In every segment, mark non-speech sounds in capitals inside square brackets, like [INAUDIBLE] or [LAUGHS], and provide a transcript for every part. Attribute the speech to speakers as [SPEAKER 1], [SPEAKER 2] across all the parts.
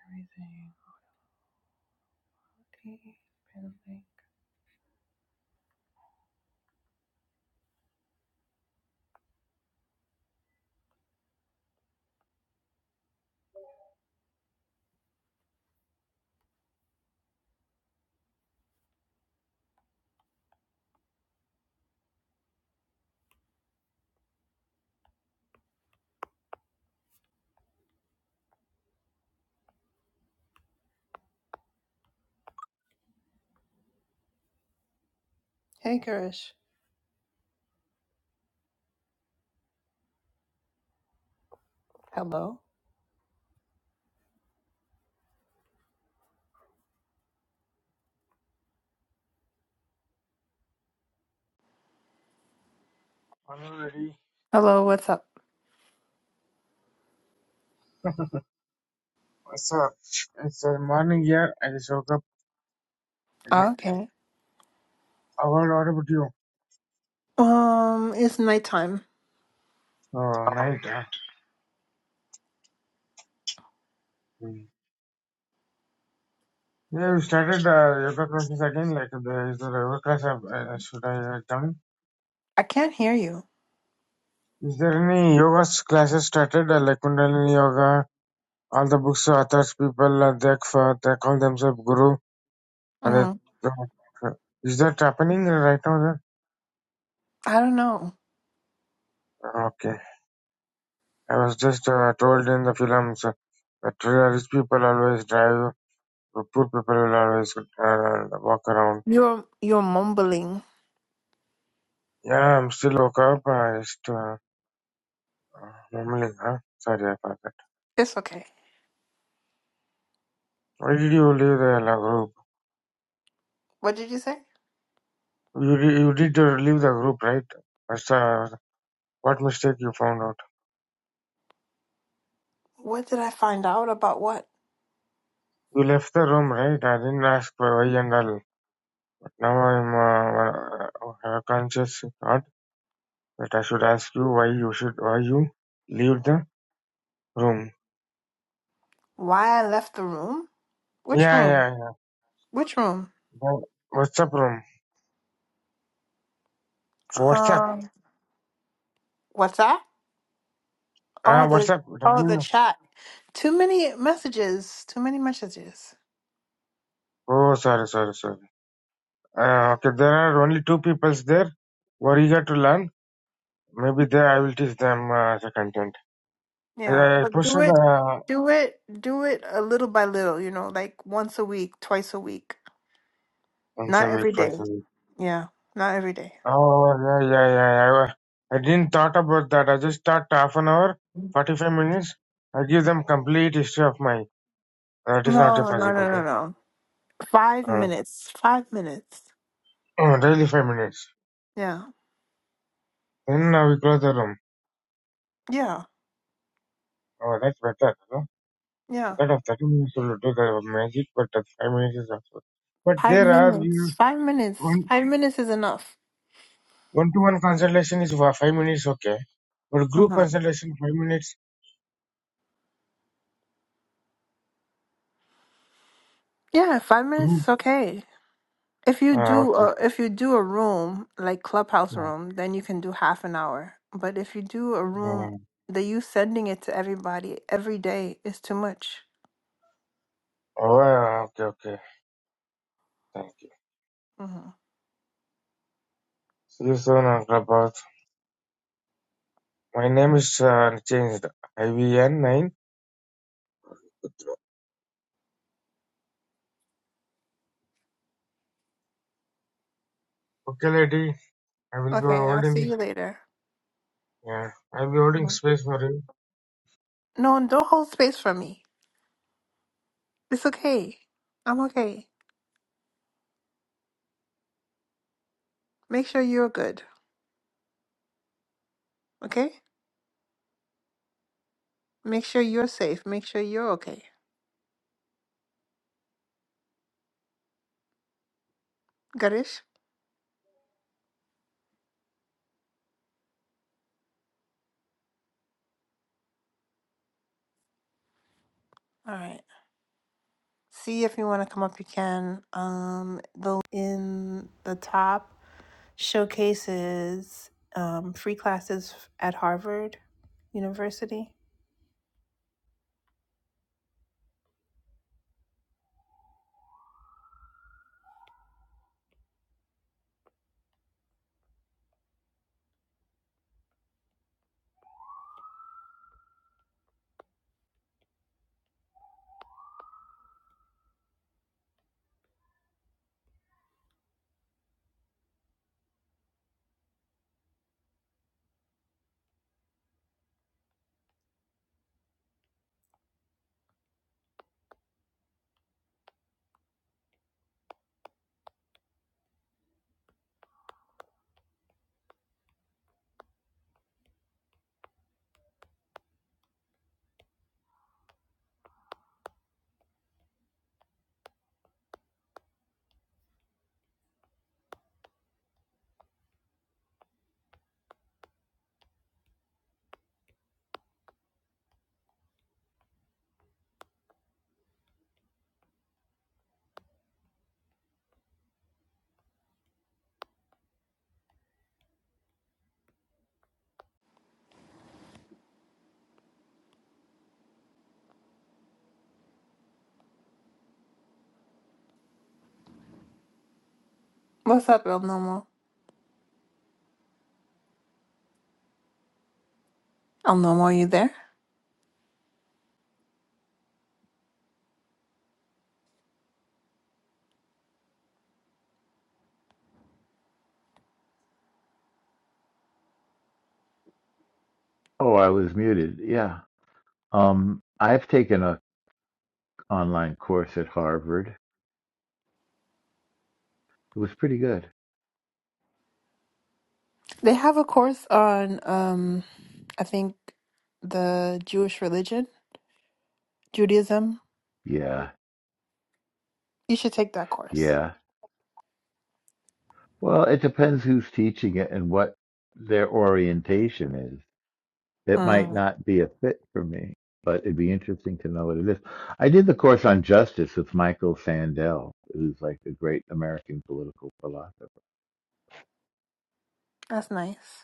[SPEAKER 1] Everything. Okay. Apparently. Hey, Garish. Hello.
[SPEAKER 2] Morning, Lady.
[SPEAKER 1] Hello, what's up?
[SPEAKER 2] What's up? It's uh, morning here. I just woke up. Like,
[SPEAKER 1] Oh, okay.
[SPEAKER 2] how about, what about you?
[SPEAKER 1] Um, it's nighttime.
[SPEAKER 2] Oh, night, huh? Hmm. Yeah, we started uh, yoga classes again. Like, there is a yoga class. Uh, uh, should I uh, come?
[SPEAKER 1] I can't hear you.
[SPEAKER 2] Is there any yoga s- classes started? Uh, like Kundalini yoga. All the books, authors, people, uh, they, uh, they call themselves guru.
[SPEAKER 1] Uh,
[SPEAKER 2] And
[SPEAKER 1] huh.
[SPEAKER 2] that, uh, is that happening right now?
[SPEAKER 1] I don't know.
[SPEAKER 2] Then? Okay. I was just uh, told in the films uh, that rich people always drive The poor people will always get tired and walk around.
[SPEAKER 1] You're you're mumbling.
[SPEAKER 2] Yeah, I'm still woke up. I just uh, uh, mumbling. Huh? Sorry, I forgot.
[SPEAKER 1] It's okay.
[SPEAKER 2] Why did you leave the la group?
[SPEAKER 1] What did you say?
[SPEAKER 2] You did, you did uh, leave the group, right? That's, uh, what mistake you found out?
[SPEAKER 1] What did I find out about what?
[SPEAKER 2] You left the room, right? I didn't ask why and all. Now I'm uh, have a conscious thought that I should ask you why you should why you leave the room.
[SPEAKER 1] Why I left the room? Which
[SPEAKER 2] Yeah,
[SPEAKER 1] room?
[SPEAKER 2] yeah,
[SPEAKER 1] Which room?
[SPEAKER 2] yeah. What's up, room? What's up?
[SPEAKER 1] Um, what's that? Oh,
[SPEAKER 2] Ah, what's
[SPEAKER 1] the
[SPEAKER 2] up?
[SPEAKER 1] oh the
[SPEAKER 2] W.
[SPEAKER 1] chat. Too many messages. Too many messages.
[SPEAKER 2] Oh, sorry, sorry, sorry. Uh, okay, there are only two peoples there. What you got to learn. Maybe there I will teach them uh, the content.
[SPEAKER 1] Yeah,
[SPEAKER 2] I, I
[SPEAKER 1] but do
[SPEAKER 2] posted
[SPEAKER 1] it,
[SPEAKER 2] the
[SPEAKER 1] do it, do it a little by little, you know, like once a week, twice a week. Not
[SPEAKER 2] answer wait
[SPEAKER 1] every
[SPEAKER 2] for a
[SPEAKER 1] day.
[SPEAKER 2] second.
[SPEAKER 1] Yeah, not every day.
[SPEAKER 2] Oh yeah yeah yeah. yeah. I, wa- I didn't thought about that. I just thought half an hour, forty five minutes. I give them complete history of my. That is not
[SPEAKER 1] No, no, no, no,
[SPEAKER 2] possible.
[SPEAKER 1] no. Five
[SPEAKER 2] Uh,
[SPEAKER 1] minutes. Five minutes.
[SPEAKER 2] uh, [CLEARS THROAT] daily five minutes.
[SPEAKER 1] Yeah,
[SPEAKER 2] Then uh, we close the room.
[SPEAKER 1] yeah,
[SPEAKER 2] Oh, that's better. No? I
[SPEAKER 1] yeah.
[SPEAKER 2] thought of thirty minutes will do the magic, but uh, five minutes is also. But
[SPEAKER 1] Five
[SPEAKER 2] there are
[SPEAKER 1] minutes.
[SPEAKER 2] we.
[SPEAKER 1] Five minutes. Five minutes is enough.
[SPEAKER 2] One to one consultation is for five minutes, okay. But group
[SPEAKER 1] Uh-huh.
[SPEAKER 2] consultation, five minutes,
[SPEAKER 1] Yeah, five
[SPEAKER 2] group.
[SPEAKER 1] minutes is okay. If you
[SPEAKER 2] Ah,
[SPEAKER 1] do
[SPEAKER 2] okay. okay.
[SPEAKER 1] a, if you do a room like clubhouse
[SPEAKER 2] Hmm,
[SPEAKER 1] room, then you can do half an hour. But if you do a room,
[SPEAKER 2] hmm.
[SPEAKER 1] the you sending it to everybody every day is too much.
[SPEAKER 2] Oh, ah, okay, okay. Thank you.
[SPEAKER 1] hmm
[SPEAKER 2] See you soon, Uncle Boss. My name is uh, changed. IVN9. Okay, lady. I will be
[SPEAKER 1] Okay, I'll see
[SPEAKER 2] holding,
[SPEAKER 1] you later.
[SPEAKER 2] yeah, I will be holding
[SPEAKER 1] Mhm.
[SPEAKER 2] space for you.
[SPEAKER 1] No, and don't hold space for me. It's okay. I'm okay. Make sure you're good. Okay. Make sure you're safe. Make sure you're okay. Garish. All right. See if you want to come up, you can. Um, the in the top showcases um, free classes at Harvard University. What's up, El Nomo? El Nomo, are you there?
[SPEAKER 3] Oh, I was muted. Yeah. Um, I've taken a online course at Harvard. It was pretty good.
[SPEAKER 1] They have a course on, um, I think, the Jewish religion, Judaism.
[SPEAKER 3] Yeah.
[SPEAKER 1] You should take that course.
[SPEAKER 3] Yeah. Well, it depends who's teaching it and what their orientation is. It might
[SPEAKER 1] Mm,
[SPEAKER 3] not be a fit for me, but it'd be interesting to know what it is. I did the course on justice with Michael Sandel, who's like a great American political philosopher.
[SPEAKER 1] that's nice.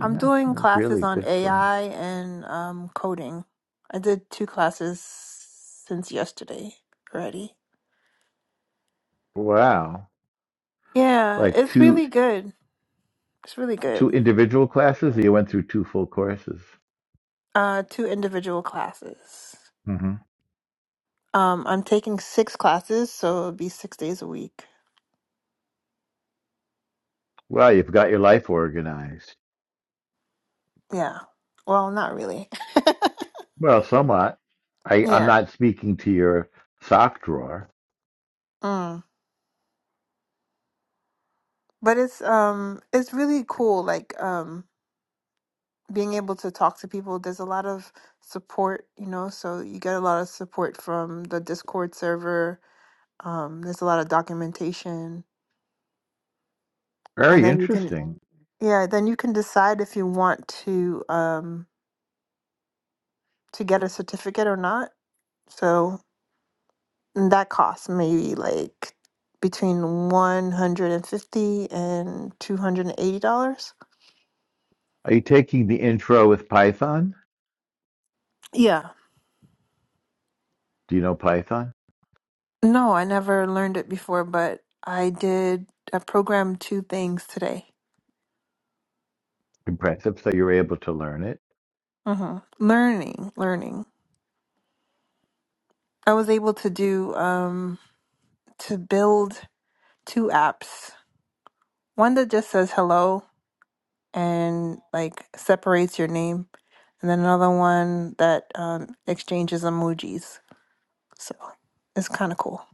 [SPEAKER 1] I'm doing
[SPEAKER 3] it was really
[SPEAKER 1] classes
[SPEAKER 3] a
[SPEAKER 1] on
[SPEAKER 3] good class.
[SPEAKER 1] AI and um, coding. I did two classes since yesterday already.
[SPEAKER 3] Wow.
[SPEAKER 1] Yeah,
[SPEAKER 3] Like
[SPEAKER 1] it's
[SPEAKER 3] two
[SPEAKER 1] really good. It's really
[SPEAKER 3] two
[SPEAKER 1] good.
[SPEAKER 3] individual classes, or you went through two full courses?
[SPEAKER 1] Uh, two individual classes.
[SPEAKER 3] Mm-hmm.
[SPEAKER 1] Um, I'm taking six classes, so it'll be six days a week.
[SPEAKER 3] Well, you've got your life organized.
[SPEAKER 1] Yeah. Well, not really. [LAUGHS]
[SPEAKER 3] Well, somewhat. I, I'm
[SPEAKER 1] Yeah.
[SPEAKER 3] not speaking to your sock drawer.
[SPEAKER 1] Mm. But it's um, it's really cool. Like um, being able to talk to people. There's a lot of support, you know. So you get a lot of support from the Discord server Um, there's a lot of documentation, and
[SPEAKER 3] Very
[SPEAKER 1] then you can,
[SPEAKER 3] interesting.
[SPEAKER 1] yeah, then you can decide if you want to um, to get a certificate or not. So and that costs maybe like between one hundred and fifty and two hundred and eighty dollars.
[SPEAKER 3] Are you taking the intro with Python?
[SPEAKER 1] Yeah.
[SPEAKER 3] Do you know Python?
[SPEAKER 1] No, I never learned it before, but I did. I programmed two things today.
[SPEAKER 3] Impressive. So you're able to learn it.
[SPEAKER 1] hmm Learning, learning. I was able to do um to build two apps. One that just says hello and like separates your name, and then another one that um, exchanges emojis. So it's kind of cool.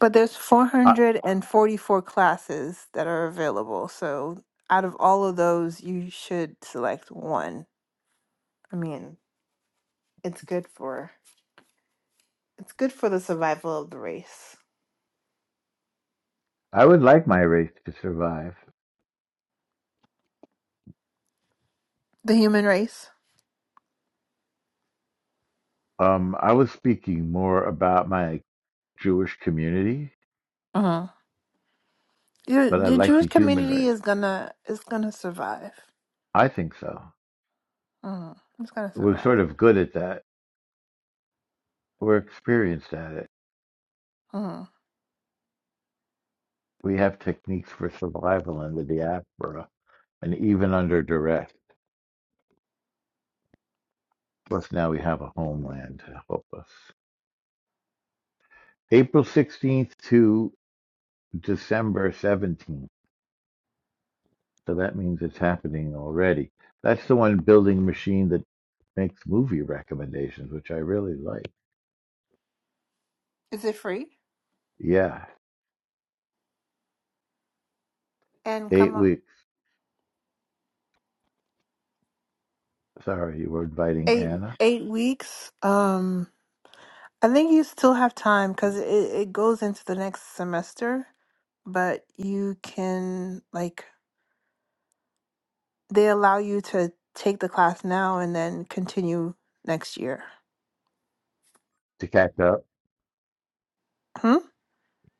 [SPEAKER 1] But there's
[SPEAKER 3] I,
[SPEAKER 1] 444 classes that are available. So out of all of those, you should select one. I mean, it's good for it's good for the survival of the race,
[SPEAKER 3] I would like my race to survive.
[SPEAKER 1] the human race.
[SPEAKER 3] Um, I was speaking more about my Jewish community,
[SPEAKER 1] Uh-huh. Your
[SPEAKER 3] but I
[SPEAKER 1] the
[SPEAKER 3] like
[SPEAKER 1] Jewish
[SPEAKER 3] the human
[SPEAKER 1] community
[SPEAKER 3] race.
[SPEAKER 1] is gonna is gonna survive.
[SPEAKER 3] I think so.
[SPEAKER 1] Uh-huh. It's gonna
[SPEAKER 3] We're
[SPEAKER 1] survive.
[SPEAKER 3] sort of good at that. We're experienced at it.
[SPEAKER 1] Uh-huh.
[SPEAKER 3] We have techniques for survival in the diaspora and even under duress. Plus, now we have a homeland to help us. April 16th to December 17th. So that means it's happening already. That's the one building machine that makes movie recommendations, which I really like.
[SPEAKER 1] Is it free?
[SPEAKER 3] Yeah,
[SPEAKER 1] And come
[SPEAKER 3] eight
[SPEAKER 1] up.
[SPEAKER 3] weeks. Sorry, you were inviting
[SPEAKER 1] eight
[SPEAKER 3] Anna
[SPEAKER 1] eight weeks. Um, I think you still have time because it, it goes into the next semester, but you can like they allow you to take the class now and then continue next year.
[SPEAKER 3] to catch up.
[SPEAKER 1] Hmm?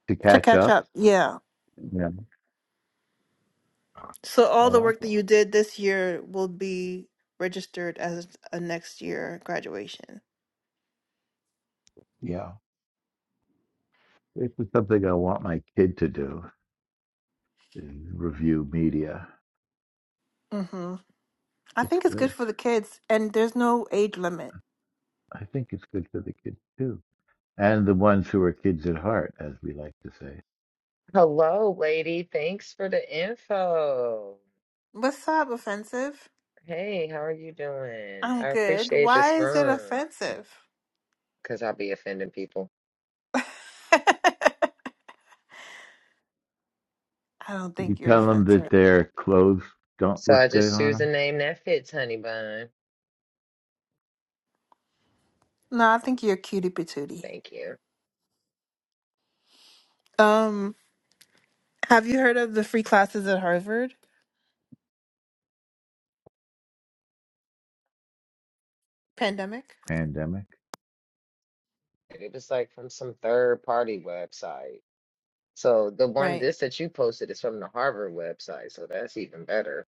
[SPEAKER 3] To
[SPEAKER 1] To
[SPEAKER 3] catch
[SPEAKER 1] catch
[SPEAKER 3] up.
[SPEAKER 1] up. Yeah.
[SPEAKER 3] Yeah,
[SPEAKER 1] So
[SPEAKER 3] I
[SPEAKER 1] all the
[SPEAKER 3] like
[SPEAKER 1] work that
[SPEAKER 3] it.
[SPEAKER 1] you did this year will be registered as a next year graduation.
[SPEAKER 3] Yeah, this is something I want my kid to do: is review media.
[SPEAKER 1] Mm-hmm. I
[SPEAKER 3] It's
[SPEAKER 1] think it's good
[SPEAKER 3] good.
[SPEAKER 1] for the kids and there's no age limit.
[SPEAKER 3] I think it's good for the kids too. and the ones who are kids at heart, as we like to say.
[SPEAKER 4] Hello, lady. Thanks for the info.
[SPEAKER 1] What's up, offensive?
[SPEAKER 4] Hey, how are you doing?
[SPEAKER 1] I'm
[SPEAKER 4] I
[SPEAKER 1] good.
[SPEAKER 4] appreciate
[SPEAKER 1] Why
[SPEAKER 4] this
[SPEAKER 1] is it
[SPEAKER 4] room
[SPEAKER 1] offensive?
[SPEAKER 4] because I'll be offending people.
[SPEAKER 1] [LAUGHS] I don't
[SPEAKER 3] You
[SPEAKER 1] think you're
[SPEAKER 3] tell them
[SPEAKER 1] offensive.
[SPEAKER 3] that their clothes don't
[SPEAKER 4] So I
[SPEAKER 3] look good
[SPEAKER 4] just
[SPEAKER 3] on
[SPEAKER 4] choose a
[SPEAKER 3] them.
[SPEAKER 4] name that fits, honey bun.
[SPEAKER 1] No, I think you're cutie patootie.
[SPEAKER 4] Thank you.
[SPEAKER 1] Um, have you heard of the free classes at Harvard? Pandemic?
[SPEAKER 3] Pandemic.
[SPEAKER 4] And It was like from some third party website. So the one
[SPEAKER 1] Right,
[SPEAKER 4] this that you posted is from the Harvard website, so that's even better.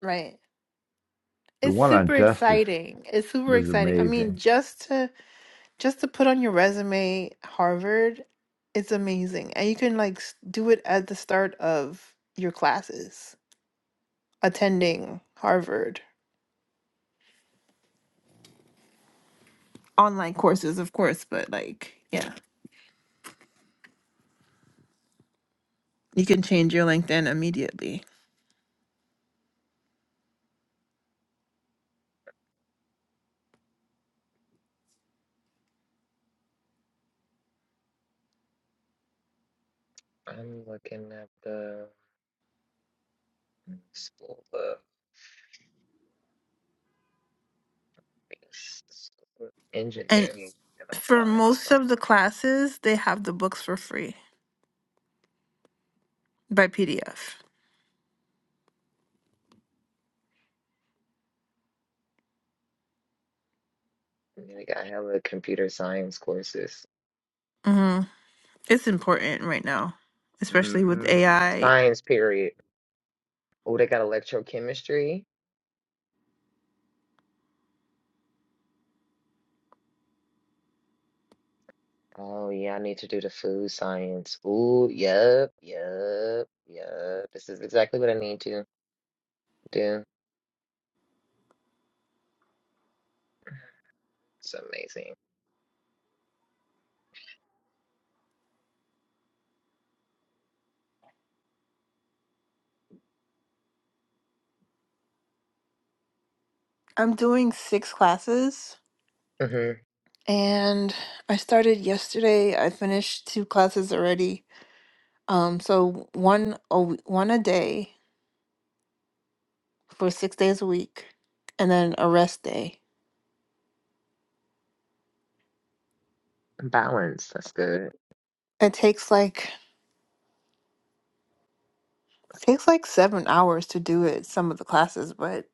[SPEAKER 1] right.
[SPEAKER 3] The
[SPEAKER 1] It's
[SPEAKER 3] one on
[SPEAKER 1] super
[SPEAKER 3] justice
[SPEAKER 1] exciting. It's super
[SPEAKER 3] was
[SPEAKER 1] exciting. I
[SPEAKER 3] amazing.
[SPEAKER 1] mean, just to just to put on your resume Harvard, it's amazing. And you can like s- do it at the start of your classes, attending Harvard. Online courses, of course, but like, yeah. You can change your LinkedIn immediately.
[SPEAKER 4] I'm looking at the School of School of Engineering and
[SPEAKER 1] for
[SPEAKER 4] Applied
[SPEAKER 1] most
[SPEAKER 4] Science.
[SPEAKER 1] of the classes, they have the books for free by PDF.
[SPEAKER 4] And they got hella computer science courses.
[SPEAKER 1] hmm It's important right now, especially with
[SPEAKER 4] hmm
[SPEAKER 1] AI.
[SPEAKER 4] Science period. Oh, they got electrochemistry. Oh yeah, I need to do the food science. Ooh, yep, yep, yep. This is exactly what I need to do. It's amazing.
[SPEAKER 1] I'm doing six classes,
[SPEAKER 4] mm
[SPEAKER 1] and I started yesterday. I finished two classes already. Um, so one a w- one a day for six days a week, and then a rest day.
[SPEAKER 4] hmm Balance. That's good.
[SPEAKER 1] It takes like takes like seven hours to do it. Some of the classes, but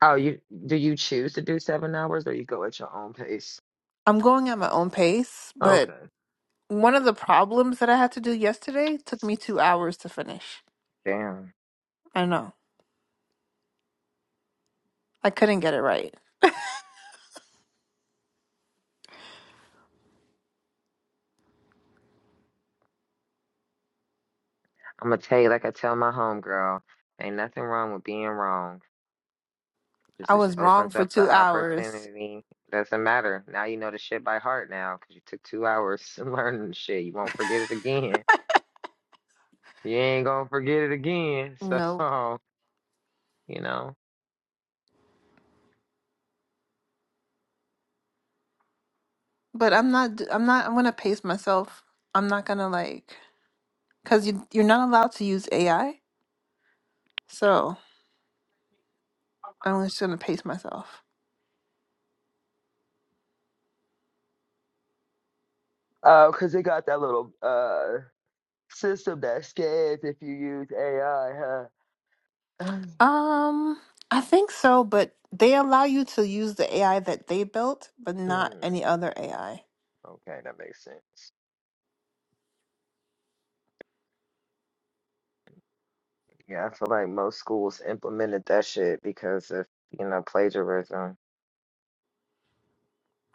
[SPEAKER 4] Oh, you do you choose to do seven hours or you go at your own pace?
[SPEAKER 1] I'm going at my own pace. But
[SPEAKER 4] Okay.
[SPEAKER 1] One of the problems that I had to do yesterday took me two hours to finish.
[SPEAKER 4] Damn.
[SPEAKER 1] I know. I couldn't get it right.
[SPEAKER 4] I'm gonna tell you like I tell my homegirl, ain't nothing wrong with being wrong. This
[SPEAKER 1] I
[SPEAKER 4] just
[SPEAKER 1] was wrong
[SPEAKER 4] opens
[SPEAKER 1] for
[SPEAKER 4] up the
[SPEAKER 1] two hours.
[SPEAKER 4] opportunity. Doesn't matter. Now you know the shit by heart now because you took two hours [LAUGHS] learning the shit. You won't forget it again. You ain't gonna forget it again. [LAUGHS]
[SPEAKER 1] No,
[SPEAKER 4] So, you know.
[SPEAKER 1] but I'm not, d- I'm not, I'm gonna pace myself. I'm not gonna like, cause you, you're not allowed to use AI. So I'm just gonna pace myself.
[SPEAKER 4] Oh, because they got that little uh system that scans if you use AI, huh? [SIGHS] [CLEARS THROAT]
[SPEAKER 1] Um, I think so, but they allow you to use the AI that they built, but not
[SPEAKER 4] Hmm.
[SPEAKER 1] any other AI.
[SPEAKER 4] Okay, that makes sense. Yeah, I feel like most schools implemented that shit because of, you know, plagiarism.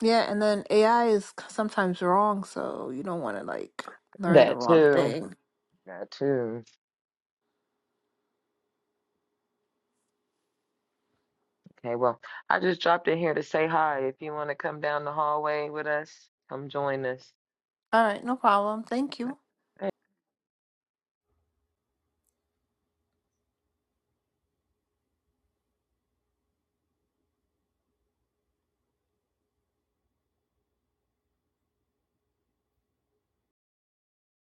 [SPEAKER 1] Yeah, and then AI is c- sometimes wrong, so you don't want to like learn the
[SPEAKER 4] That
[SPEAKER 1] wrong
[SPEAKER 4] too.
[SPEAKER 1] thing.
[SPEAKER 4] That too. Okay, well, I just dropped in here to say hi. If you want to come down the hallway with us, come join us.
[SPEAKER 1] All right, no problem. Thank you.